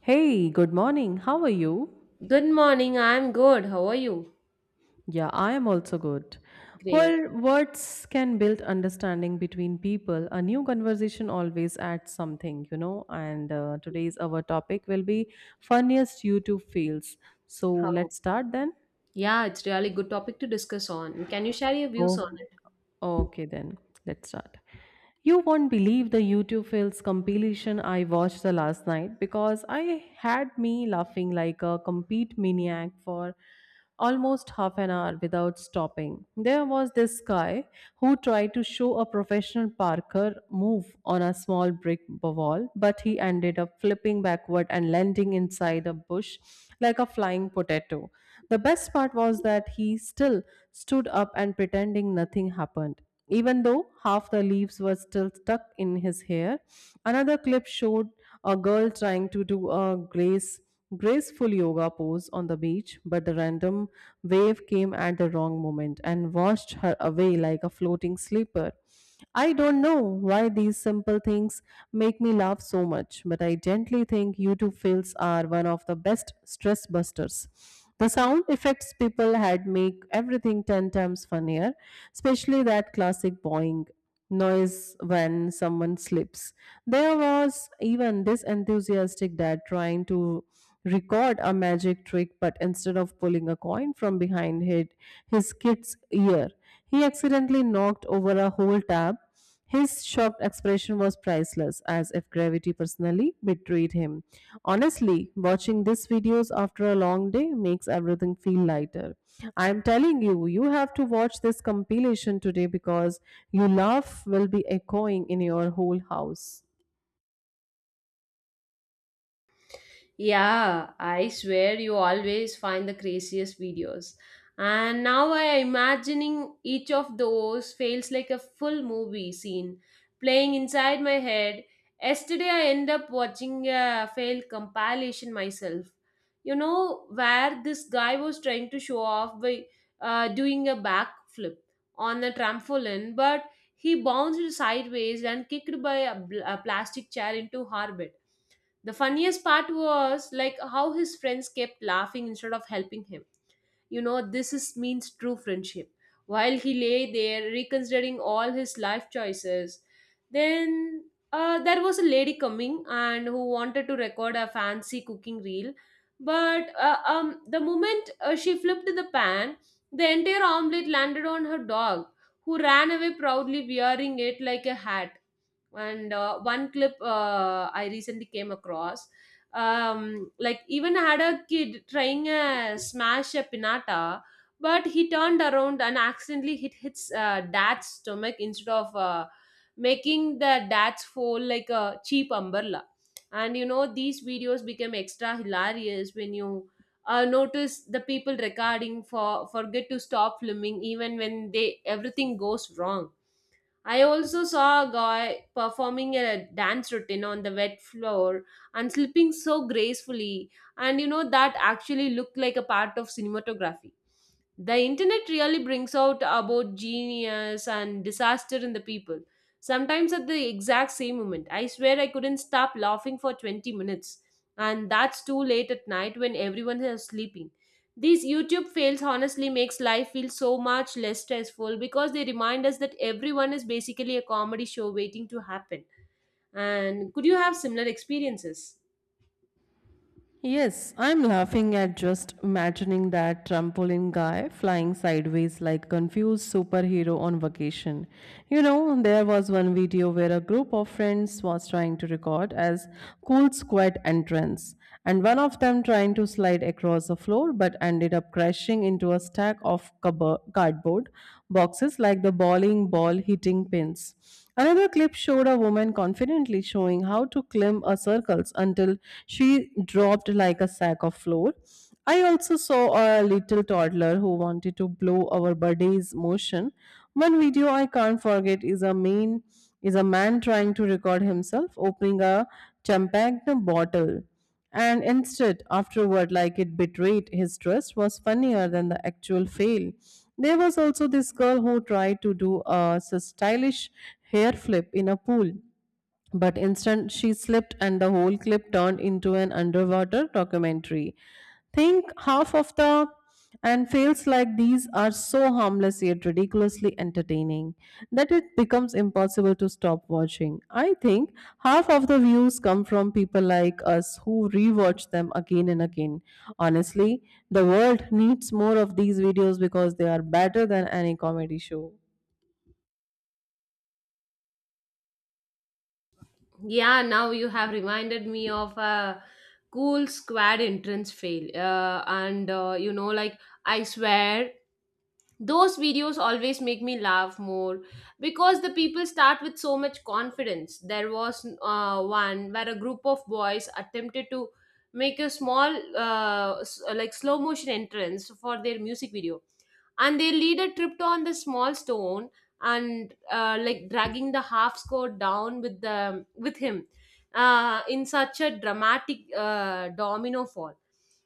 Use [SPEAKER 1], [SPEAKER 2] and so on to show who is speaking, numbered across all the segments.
[SPEAKER 1] Hey, good morning. How are you?
[SPEAKER 2] Good morning. I'm good. How are you?
[SPEAKER 1] Yeah, I am also good.
[SPEAKER 2] Great.
[SPEAKER 1] Well, words can build understanding between people. A new conversation always adds something. And today's our topic will be funniest YouTube fails. So
[SPEAKER 2] How?
[SPEAKER 1] let's start then.
[SPEAKER 2] Yeah, it's really good topic to discuss on. Can you share your views on
[SPEAKER 1] Oh,
[SPEAKER 2] it?
[SPEAKER 1] okay, then let's start. You won't believe the YouTube Fails compilation I watched the last night, because I had me laughing like a complete maniac for almost half an hour without stopping. There was this guy who tried to show a professional parkour move on a small brick wall, but he ended up flipping backward and landing inside a bush like a flying potato. The best part was that he still stood up and pretending nothing happened, even though half the leaves were still stuck in his hair. Another clip showed a girl trying to do a graceful yoga pose on the beach, but the random wave came at the wrong moment and washed her away like a floating sleeper. I don't know why these simple things make me laugh so much, but I gently think YouTube fails are one of the best stress busters. The sound effects people had make everything 10 times funnier, especially that classic boing noise when someone slips. There was even this enthusiastic dad trying to record a magic trick, but instead of pulling a coin from behind his kid's ear, he accidentally knocked over a whole tub. His shocked expression was priceless, as if gravity personally betrayed him. Honestly, watching these videos after a long day makes everything feel lighter. I am telling you, you have to watch this compilation today, because your laugh will be echoing in your whole house.
[SPEAKER 2] Yeah, I swear you always find the craziest videos. And now I am imagining each of those feels like a full movie scene playing inside my head. Yesterday I end up watching a failed compilation myself. You know where this guy was trying to show off by doing a backflip on a trampoline, but he bounced sideways and kicked by a plastic chair into her bed. The funniest part was like how his friends kept laughing instead of helping him. You know, this is means true friendship. While he lay there reconsidering all his life choices, then there was a lady coming and who wanted to record a fancy cooking reel, but the moment she flipped the pan, the entire omelette landed on her dog, who ran away proudly wearing it like a hat. And one clip I recently came across, like even had a kid trying to smash a pinata, but he turned around and accidentally hit his dad's stomach instead of making the dad's fall like a cheap umbrella. And you know these videos became extra hilarious when you notice the people recording forget to stop filming even when they everything goes wrong. I also saw a guy performing a dance routine on the wet floor and slipping so gracefully, and you know, that actually looked like a part of cinematography. The internet really brings out about genius and disaster in the people, sometimes at the exact same moment. I swear I couldn't stop laughing for 20 minutes, and that's too late at night when everyone is sleeping. These YouTube fails honestly makes life feel so much less stressful because they remind us that everyone is basically a comedy show waiting to happen. And could you have similar experiences?
[SPEAKER 1] Yes, I'm laughing at just imagining that trampoline guy flying sideways like confused superhero on vacation. You know, there was one video where a group of friends was trying to record as cool squad entrance, and one of them trying to slide across the floor but ended up crashing into a stack of cardboard boxes like the bowling ball hitting pins. Another clip showed a woman confidently showing how to climb a circles until she dropped like a sack of flour. I also saw a little toddler who wanted to blow our buddy's motion. One video I can't forget is a man trying to record himself opening a champagne bottle, and instead, afterward, like it betrayed his trust, was funnier than the actual fail. There was also this girl who tried to do a stylish hair flip in a pool, but instant she slipped and the whole clip turned into an underwater documentary. Think half of the and fails like these are so harmless yet ridiculously entertaining that it becomes impossible to stop watching. I think half of the views come from people like us who rewatch them again and again. Honestly, the world needs more of these videos, because they are better than any comedy show.
[SPEAKER 2] Yeah, now you have reminded me of a cool squad entrance fail. And you know, like I swear those videos always make me laugh more because the people start with so much confidence. There was one where a group of boys attempted to make a small, like slow motion entrance for their music video, and their leader tripped on the small stone and like dragging the half skirt down with the with him in such a dramatic domino fall.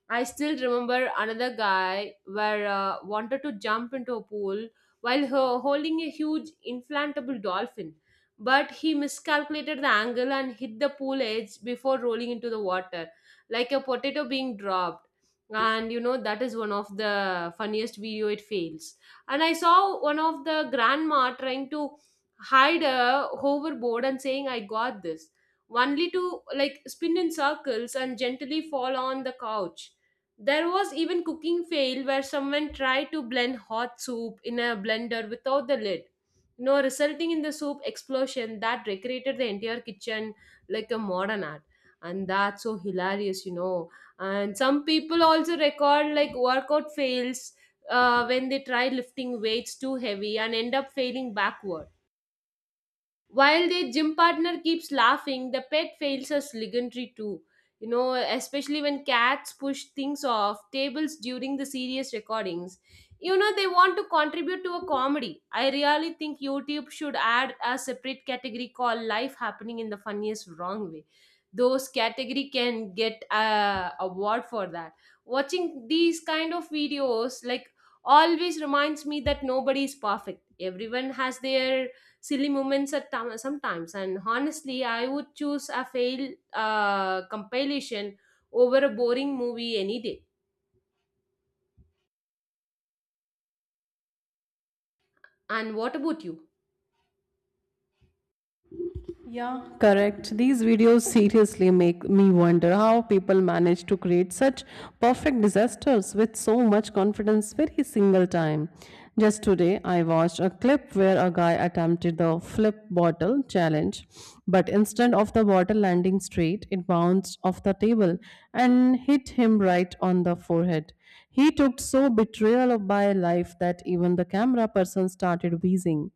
[SPEAKER 2] I still remember another guy where wanted to jump into a pool while holding a huge inflatable dolphin, but he miscalculated the angle and hit the pool edge before rolling into the water, like a potato being dropped. And you know that is one of the funniest video it fails. And I saw one of the grandma trying to hide a hoverboard and saying, "I got this," only to like spin in circles and gently fall on the couch. There was even cooking fail where someone tried to blend hot soup in a blender without the lid. You know, resulting in the soup explosion that decorated the entire kitchen like a modern art. And that's so hilarious, you know. And some people also record like workout fails when they try lifting weights too heavy and end up failing backward while their gym partner keeps laughing. The pet fails as legendary too. You know, especially when cats push things off tables during the serious recordings. You know, they want to contribute to a comedy. I really think YouTube should add a separate category called Life Happening in the Funniest Wrong Way. Those category can get a award for that. Watching these kind of videos like always reminds me that nobody is perfect. Everyone has their silly moments at time, sometimes, and honestly I would choose a failed compilation over a boring movie any day. And what about you?
[SPEAKER 1] Yeah, correct. These videos seriously make me wonder how people manage to create such perfect disasters with so much confidence every single time. Just today, I watched a clip where a guy attempted the flip bottle challenge, but instead of the bottle landing straight, it bounced off the table and hit him right on the forehead. He took so betrayal of by life that even the camera person started wheezing.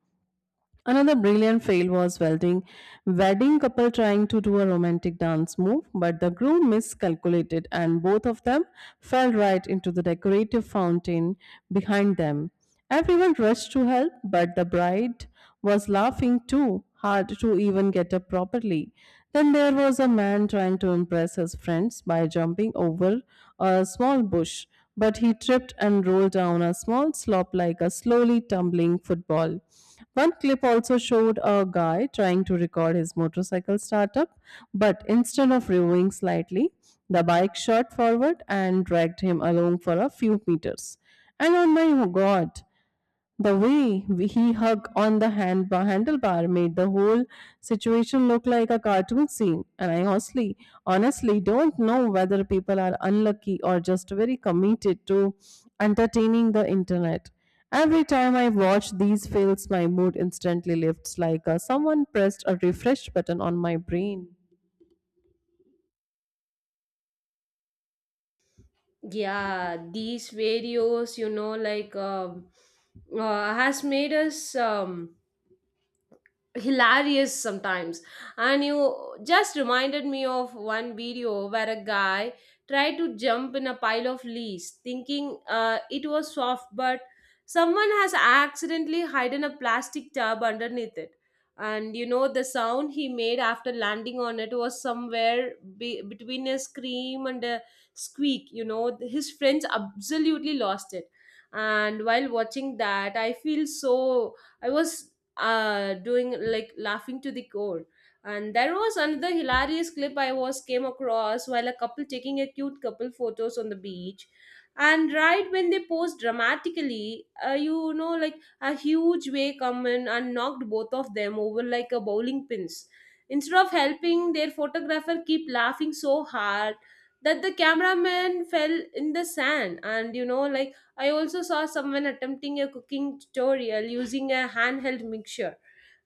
[SPEAKER 1] Another brilliant fail was welding wedding couple trying to do a romantic dance move, but the groom miscalculated and both of them fell right into the decorative fountain behind them. Everyone rushed to help, but the bride was laughing too hard to even get up properly. Then there was a man trying to impress his friends by jumping over a small bush, but he tripped and rolled down a small slope like a slowly tumbling football. One clip also showed a guy trying to record his motorcycle startup, but instead of reversing slightly, the bike shot forward and dragged him along for a few meters. And oh my god, the way he hugged on the handlebar made the whole situation look like a cartoon scene, and I honestly don't know whether people are unlucky or just very committed to entertaining the internet. Every time I watch these fails, my mood instantly lifts like someone pressed a refresh button on my brain.
[SPEAKER 2] Yeah, these videos, you know, like has made us, hilarious sometimes. And you just reminded me of one video where a guy tried to jump in a pile of leaves thinking it was soft, but someone has accidentally hidden a plastic tub underneath it. And you know the sound he made after landing on it was somewhere between a scream and a squeak. You know, his friends absolutely lost it. And while watching that I feel so, I was doing like laughing to the core. And there was another hilarious clip I was came across while a couple taking a cute couple photos on the beach, and right when they posed dramatically, you know, like a huge wave come in and knocked both of them over like a bowling pins. Instead of helping, their photographer keep laughing so hard that the cameraman fell in the sand. And you know, like, I also saw someone attempting a cooking tutorial using a handheld mixture.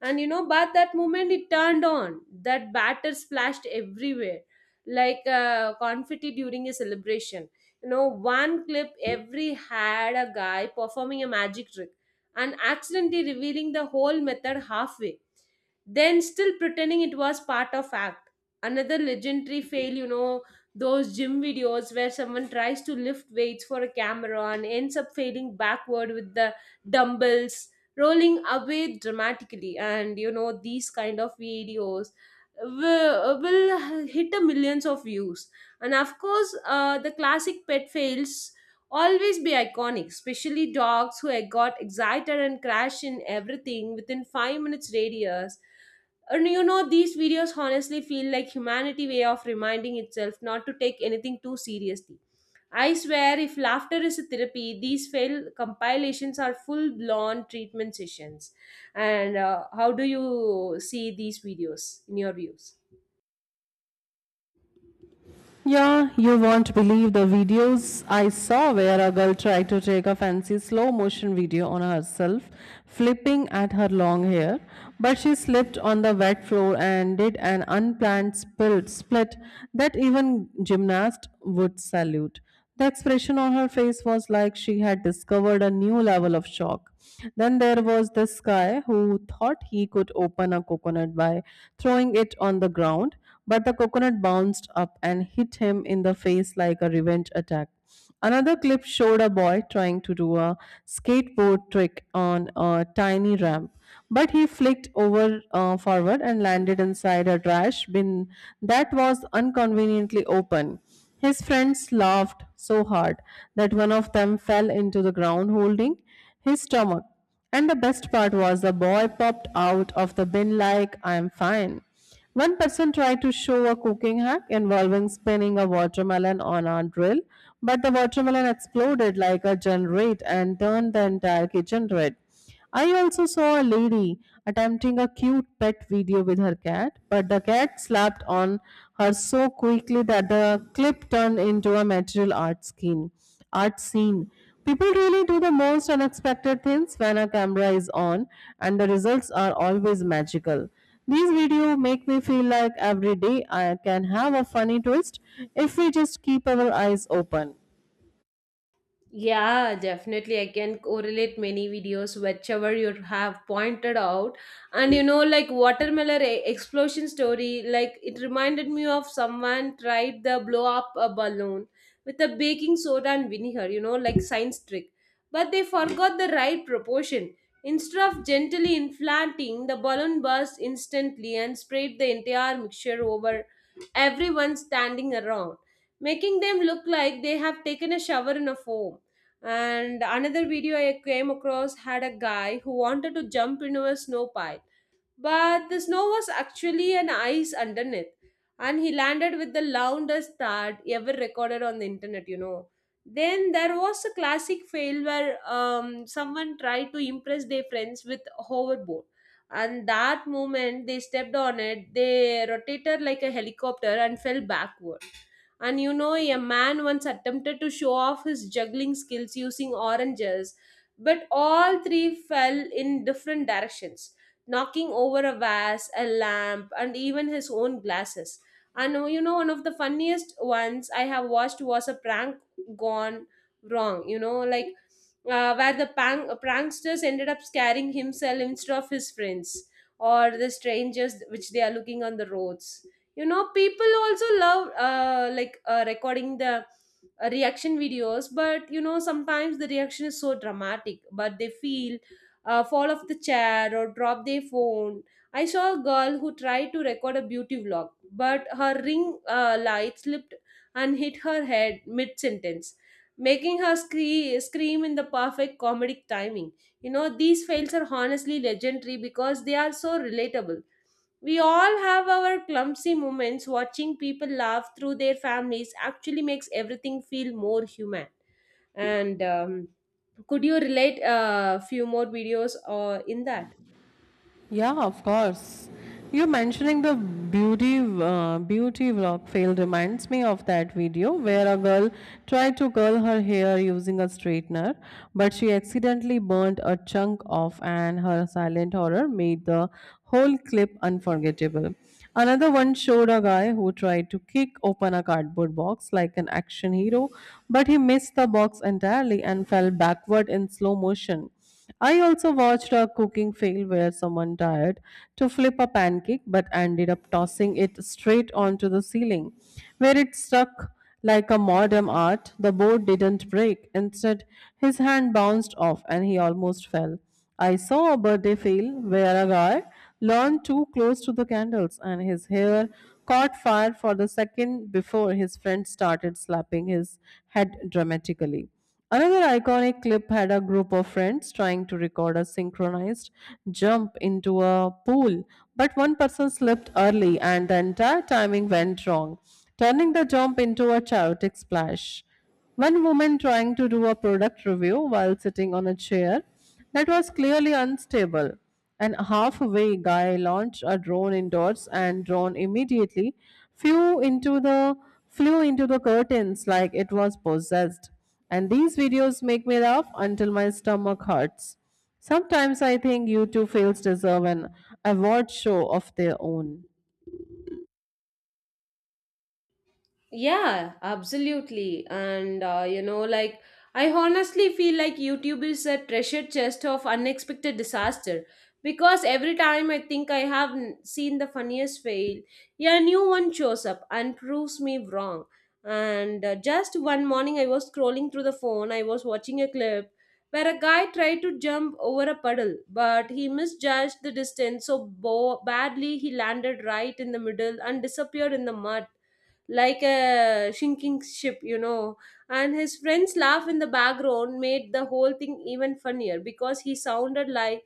[SPEAKER 2] And you know, but that moment it turned on. That batter splashed everywhere, like confetti during a celebration. You know, one clip every had a guy performing a magic trick and accidentally revealing the whole method halfway, then still pretending it was part of act. Another legendary fail, you know, those gym videos where someone tries to lift weights for a camera and ends up failing backward with the dumbbells rolling away dramatically. And you know these kind of videos will hit the millions of views. And of course the classic pet fails always be iconic, especially dogs who got excited and crash in everything within 5 minutes radius. And you know, these videos honestly feel like humanity way of reminding itself not to take anything too seriously. I swear, if laughter is a therapy, these fail compilations are full blown treatment sessions. And how do you see these videos in your views?
[SPEAKER 1] Yeah, you won't believe the videos I saw where a girl tried to take a fancy slow motion video on herself, flipping at her long hair, but she slipped on the wet floor and did an unplanned split that even gymnast would salute. The expression on her face was like she had discovered a new level of shock. Then there was this guy who thought he could open a coconut by throwing it on the ground, but the coconut bounced up and hit him in the face like a revenge attack. Another clip showed a boy trying to do a skateboard trick on a tiny ramp, but he flicked over forward and landed inside a trash bin that was inconveniently open. His friends laughed so hard that one of them fell into the ground holding his stomach. And the best part was the boy popped out of the bin like, "I'm fine." One person tried to show a cooking hack involving spinning a watermelon on a drill, but the watermelon exploded like a generator and turned the entire kitchen red. I also saw a lady attempting a cute pet video with her cat, but the cat slapped on her so quickly that the clip turned into a material art scene. People really do the most unexpected things when a camera is on, and the results are always magical. These videos make me feel like every day I can have a funny twist if we just keep our eyes open.
[SPEAKER 2] Yeah, definitely. I can correlate many videos, whichever you have pointed out. And you know, like watermelon explosion story, like it reminded me of someone tried the blow up a balloon with a baking soda and vinegar, you know, like science trick. But they forgot the right proportion. Instead of gently inflating, the balloon burst instantly and sprayed the entire mixture over everyone standing around, making them look like they have taken a shower in a foam. And another video I came across had a guy who wanted to jump into a snow pile, but the snow was actually an ice underneath, and he landed with the loudest thud ever recorded on the internet, you know. Then there was a classic fail where someone tried to impress their friends with a hoverboard. And that moment they stepped on it, they rotated like a helicopter and fell backward. And you know, a man once attempted to show off his juggling skills using oranges, but all three fell in different directions, knocking over a vase, a lamp, and even his own glasses. And you know, one of the funniest ones I have watched was a prank gone wrong, you know, like where the pranksters ended up scaring himself instead of his friends or the strangers which they are looking on the roads. You know, people also love, like, recording the reaction videos, but you know sometimes the reaction is so dramatic but they feel, fall off the chair or drop their phone. I saw a girl who tried to record a beauty vlog, but her ring light slipped and hit her head mid sentence, making her scream in the perfect comedic timing. You know, these fails are honestly legendary because they are so relatable. We all have our clumsy moments. Watching people laugh through their families actually makes everything feel more human. And could you relate a few more videos in that?
[SPEAKER 1] Yeah, of course. You mentioning the beauty vlog fail reminds me of that video where a girl tried to curl her hair using a straightener, but she accidentally burnt a chunk off, and her silent horror made the whole clip unforgettable. Another one showed a guy who tried to kick open a cardboard box like an action hero, but he missed the box entirely and fell backward in slow motion. I also watched a cooking fail where someone tried to flip a pancake but ended up tossing it straight onto the ceiling, where it stuck like a modern art. The board didn't break; instead, his hand bounced off and he almost fell. I saw a birthday fail where a guy leaned too close to the candles and his hair caught fire for the second before his friend started slapping his head dramatically. Another iconic clip had a group of friends trying to record a synchronized jump into a pool, but one person slipped early and the entire timing went wrong, turning the jump into a chaotic splash. One woman trying to do a product review while sitting on a chair that was clearly unstable. And halfway, guy launched a drone indoors, and drone immediately flew into the flew into the curtains like it was possessed. And these videos make me laugh until my stomach hurts. Sometimes I think U two fails deserve an award show of their own.
[SPEAKER 2] Yeah, absolutely. And you know, like, I honestly feel like YouTube is a treasure chest of unexpected disaster because every time I think I have seen the funniest fail, yeah, a new one shows up and proves me wrong. And just one morning, I was scrolling through the phone, I was watching a clip where a guy tried to jump over a puddle, but he misjudged the distance so badly he landed right in the middle and disappeared in the mud like a sinking ship, you know. And his friend's laugh in the background made the whole thing even funnier because he sounded like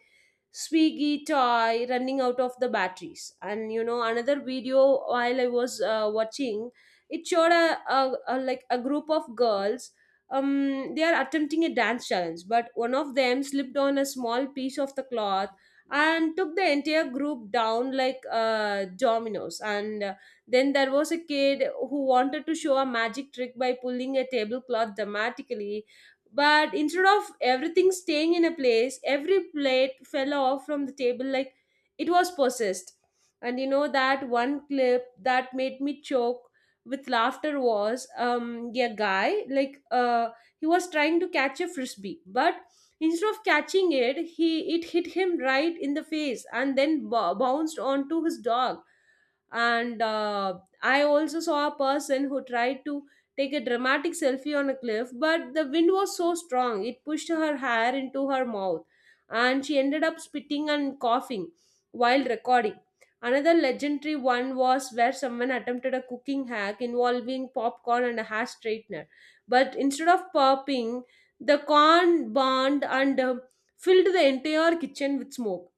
[SPEAKER 2] Swiggy toy running out of the batteries. And you know, another video while I was watching, it showed a like a group of girls. They are attempting a dance challenge, but one of them slipped on a small piece of the cloth and took the entire group down like dominoes. And then there was a kid who wanted to show a magic trick by pulling a tablecloth dramatically. But instead of everything staying in a place, every plate fell off from the table like it was possessed. And you know, that one clip that made me choke with laughter was yeah, guy like he was trying to catch a frisbee, but instead of catching it, he it hit him right in the face and then bounced onto his dog. And I also saw a person who tried to take a dramatic selfie on a cliff, but the wind was so strong it pushed her hair into her mouth, and she ended up spitting and coughing while recording. Another legendary one was where someone attempted a cooking hack involving popcorn and a hair straightener, but instead of popping, the corn burned and filled the entire kitchen with smoke.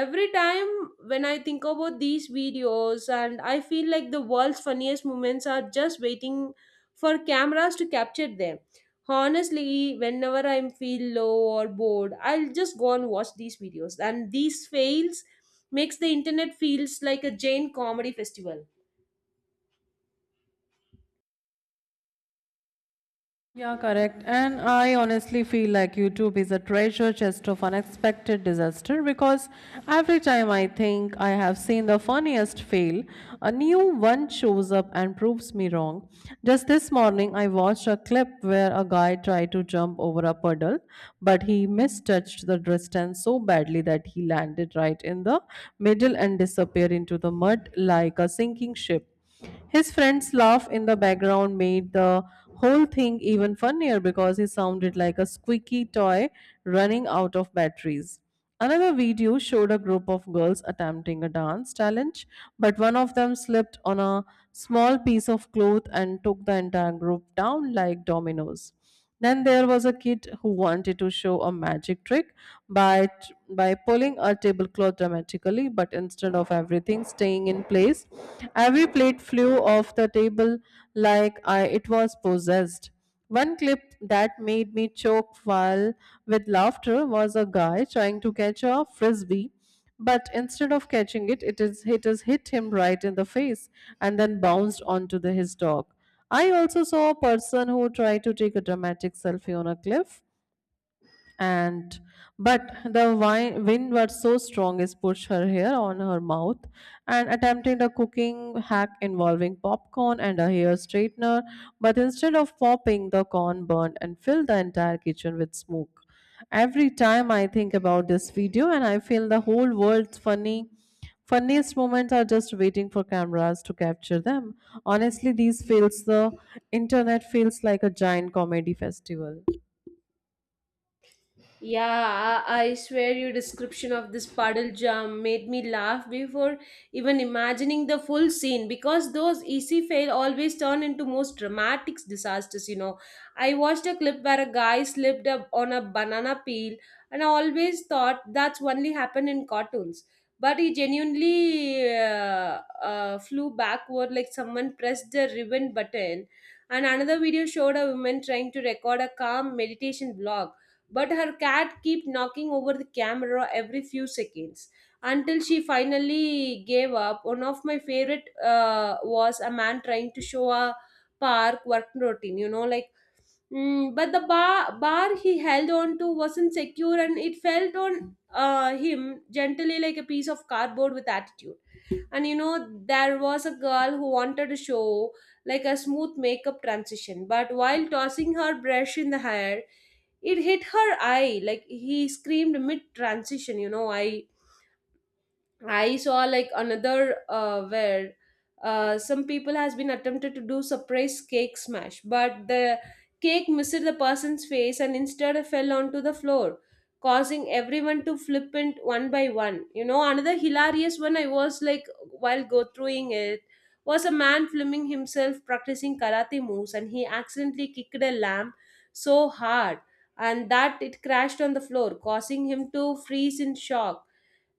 [SPEAKER 2] Every time when I think about these videos, and I feel like the world's funniest moments are just waiting for cameras to capture them. Honestly, whenever I feel low or bored, I'll just go and watch these videos, and these fails makes the internet feels like a giant comedy festival.
[SPEAKER 1] Yeah, correct. And I honestly feel like YouTube is a treasure chest of unexpected disaster, because every time I think I have seen the funniest fail, a new one shows up and proves me wrong. Just this morning, I watched a clip where a guy tried to jump over a puddle, but he mistouched the distance so badly that he landed right in the middle and disappeared into the mud like a sinking ship. His friend's laugh in the background made the whole thing even funnier because he sounded like a squeaky toy running out of batteries. Another video showed a group of girls attempting a dance challenge, but one of them slipped on a small piece of cloth and took the entire group down like dominoes. Then there was a kid who wanted to show a magic trick by by pulling a tablecloth dramatically, but instead of everything staying in place, every plate flew off the table like it was possessed. One clip that made me choke while with laughter was a guy trying to catch a frisbee, but instead of catching it, it is it has hit him right in the face and then bounced onto his dog. I also saw a person who tried to take a dramatic selfie on a cliff and but the wind was so strong it pushed her hair on her mouth and attempting a cooking hack involving popcorn and a hair straightener, but instead of popping, the corn burned and filled the entire kitchen with smoke. Every time I think about this video, and I feel the whole world's funny funniest moments are just waiting for cameras to capture them. Honestly, these feels the internet feels like a giant comedy festival.
[SPEAKER 2] Yeah, I swear your description of this puddle jump made me laugh before even imagining the full scene, because those easy fail always turn into most dramatic disasters, you know. I watched a clip where a guy slipped up on a banana peel, and I always thought that's only happened in cartoons. But he genuinely flew backward like someone pressed the ribbon button. And another video showed a woman trying to record a calm meditation vlog, but her cat kept knocking over the camera every few seconds until she finally gave up. One of my favorite was a man trying to show a park work routine, you know, like but the bar he held on to wasn't secure, and it fell on him gently like a piece of cardboard with attitude. And you know, there was a girl who wanted to show like a smooth makeup transition, but while tossing her brush in the hair it hit her eye, like he screamed mid transition, you know. I saw like another where some people has been attempted to do surprise cake smash, but the cake missed the person's face and instead fell onto the floor, causing everyone to flippant one by one. You know, another hilarious one I was like while go throughing it was a man filming himself practicing karate moves, and he accidentally kicked a lamp so hard, and that it crashed on the floor, causing him to freeze in shock.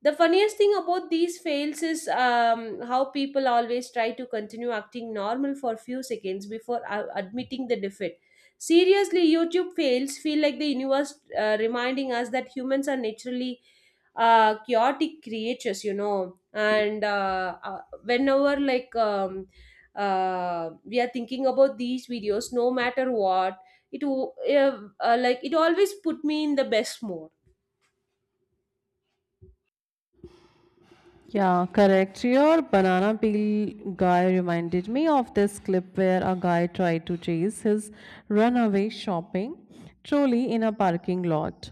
[SPEAKER 2] The funniest thing about these fails is how people always try to continue acting normal for few seconds before admitting the defeat. Seriously, YouTube fails feel like the universe reminding us that humans are naturally chaotic creatures, you know. And whenever we are thinking about these videos, no matter what, it w- like it always put me in the best mood.
[SPEAKER 1] Yeah, correct. Your banana peel guy reminded me of this clip where a guy tried to chase his runaway shopping trolley in a parking lot.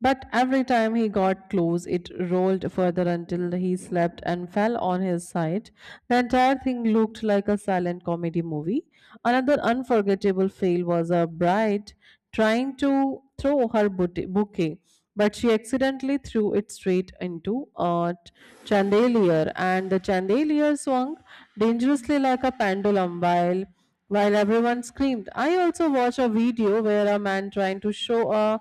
[SPEAKER 1] But every time he got close, it rolled further until he slept and fell on his side. The entire thing looked like a silent comedy movie. Another unforgettable fail was a bride trying to throw her bouquet, but she accidentally threw it straight into a chandelier, and the chandelier swung dangerously like a pendulum while everyone screamed. I also watched a video where a man trying to show a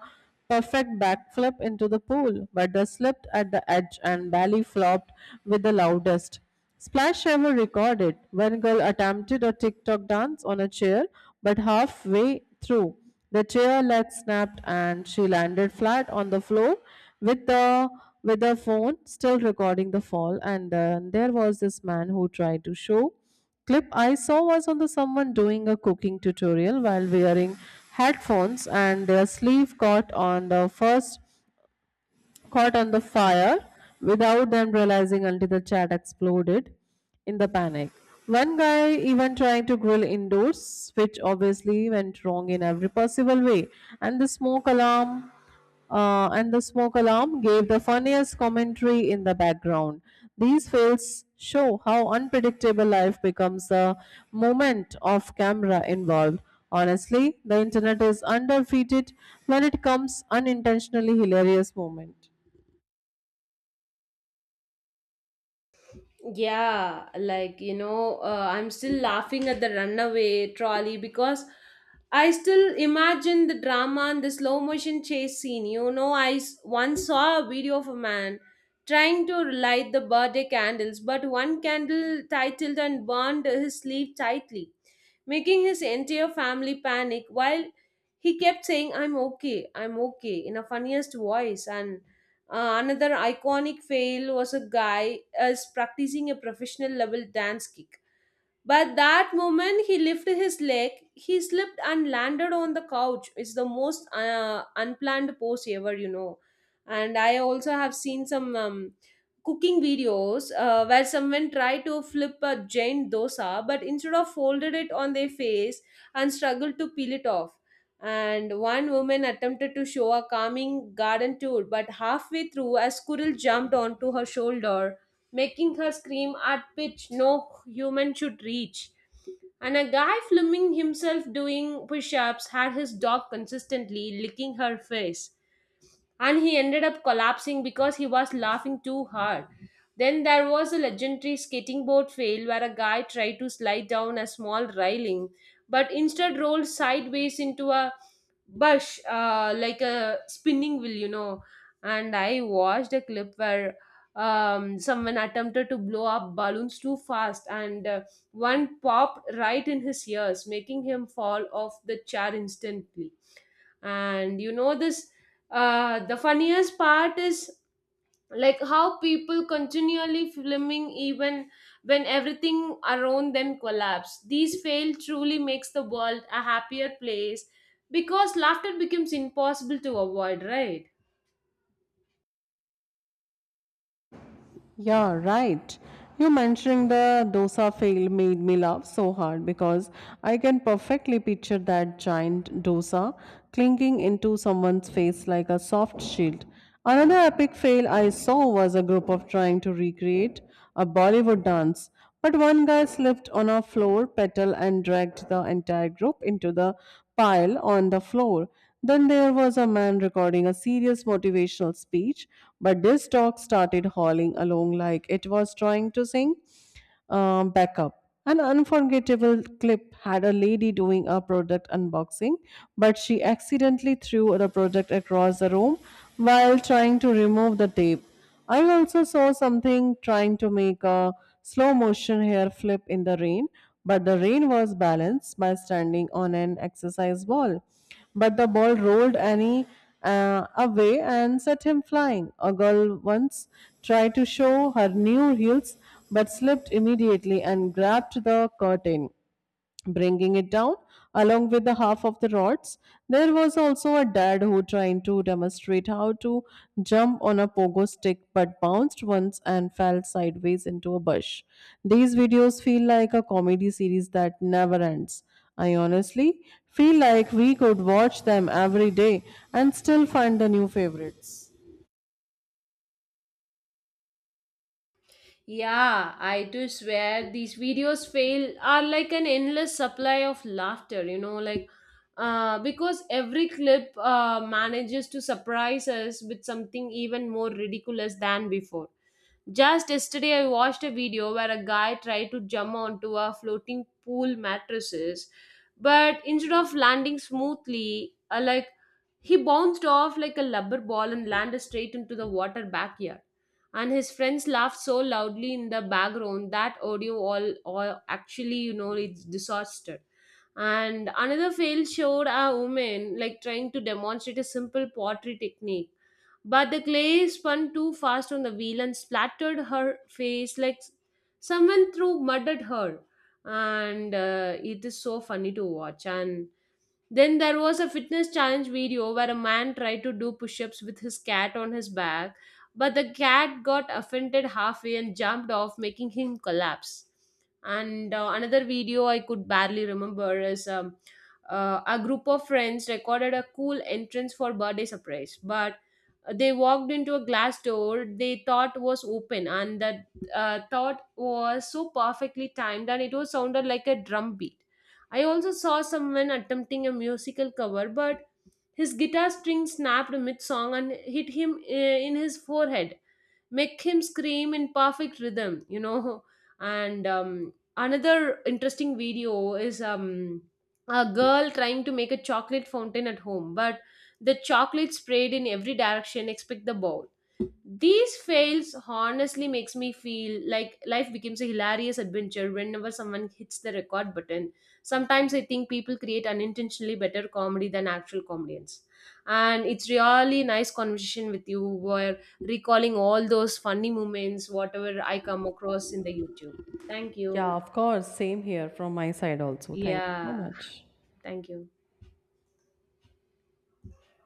[SPEAKER 1] perfect backflip into the pool, but the slipped at the edge and belly flopped with the loudest. Splash ever recorded. One girl attempted a TikTok dance on a chair, but halfway through, the chair leg snapped and she landed flat on the floor with the with her phone still recording the fall. And then there was this man who tried to show clip I saw was on the someone doing a cooking tutorial while wearing headphones, and their sleeve caught on the first caught on the fire without them realizing until the chat exploded in the panic. One guy even trying to grill indoors, which obviously went wrong in every possible way, and the smoke alarm and the smoke alarm gave the funniest commentary in the background. These fails show how unpredictable life becomes the moment of camera involved. Honestly, the internet is undefeated when it comes unintentionally hilarious moment.
[SPEAKER 2] Yeah, like I'm still laughing at the runaway trolley, because I still imagine the drama and the slow motion chase scene. You know, once saw a video of a man trying to light the birthday candles, but one candle titled and burned his sleeve tightly, making his entire family panic while he kept saying, "I'm okay, I'm okay," in a funniest voice. And another iconic fail was a guy is practicing a professional level dance kick. But that moment he lifted his leg, he slipped and landed on the couch. It's the most unplanned pose ever, you know. And I also have seen some cooking videos where someone tried to flip a giant dosa, but instead of folded it on their face and struggled to peel it off. And one woman attempted to show a calming garden tour, but halfway through a squirrel jumped onto her shoulder, making her scream at pitch no human should reach. And a guy filming himself doing push-ups had his dog consistently licking her face, and he ended up collapsing because he was laughing too hard. Then there was a legendary skating board fail where a guy tried to slide down a small railing but instead rolled sideways into a bush, like a spinning wheel, you know. And I watched a clip where someone attempted to blow up balloons too fast, and one popped right in his ears, making him fall off the chair instantly. And you know, this the funniest part is like how people continually filming even when everything around them collapse. These fail truly makes the world a happier place, because laughter becomes impossible to avoid, right?
[SPEAKER 1] Yeah, right. You mentioning the dosa fail made me laugh so hard because I can perfectly picture that giant dosa clinging into someone's face like a soft shield. Another epic fail I saw was a group of trying to recreate a Bollywood dance, but one guy slipped on a floor petal and dragged the entire group into the pile on the floor. Then there was a man recording a serious motivational speech, but this dog started hauling along like it was trying to sing Back up. An unforgettable clip had a lady doing a product unboxing, but she accidentally threw the product across the room while trying to remove the tape. I also saw something trying to make a slow motion hair flip in the rain, but the rain was balanced by standing on an exercise ball. But the ball rolled Annie away and set him flying. A girl once tried to show her new heels but slipped immediately and grabbed the curtain, bringing it down along with the half of the rods. There was also a dad who tried to demonstrate how to jump on a pogo stick but bounced once and fell sideways into a bush. These videos feel like a comedy series that never ends. I honestly feel like we could watch them every day and still find the new favorites.
[SPEAKER 2] Yeah, I do swear these videos fail are like an endless supply of laughter, you know, like because every clip manages to surprise us with something even more ridiculous than before. Just yesterday, I watched a video where a guy tried to jump onto a floating pool mattresses, but instead of landing smoothly, he bounced off like a rubber ball and landed straight into the water backyard. And his friends laughed so loudly in the background that audio all actually, you know, it's disaster. And another fail showed a woman like trying to demonstrate a simple pottery technique, but the clay spun too fast on the wheel and splattered her face like someone threw mud at her. And it is so funny to watch. And then there was a fitness challenge video where a man tried to do push ups with his cat on his back, but the cat got offended halfway and jumped off, making him collapse. And another video I could barely remember is a group of friends recorded a cool entrance for birthday surprise, but they walked into a glass door they thought was open, and that thought was so perfectly timed, and it was sounded like a drum beat. I also saw someone attempting a musical cover, but his guitar string snapped mid song and hit him in his forehead, make him scream in perfect rhythm, you know. And another interesting video is a girl trying to make a chocolate fountain at home, but the chocolate sprayed in every direction except the bowl. These fails honestly makes me feel like life becomes a hilarious adventure whenever someone hits the record button. Sometimes I think people create unintentionally better comedy than actual comedians. And it's really nice conversation with you where recalling all those funny moments, whatever I come across in the YouTube. Thank you.
[SPEAKER 1] Yeah, of course. Same here from my side also. Thank you so
[SPEAKER 2] Yeah,
[SPEAKER 1] much.
[SPEAKER 2] thank you.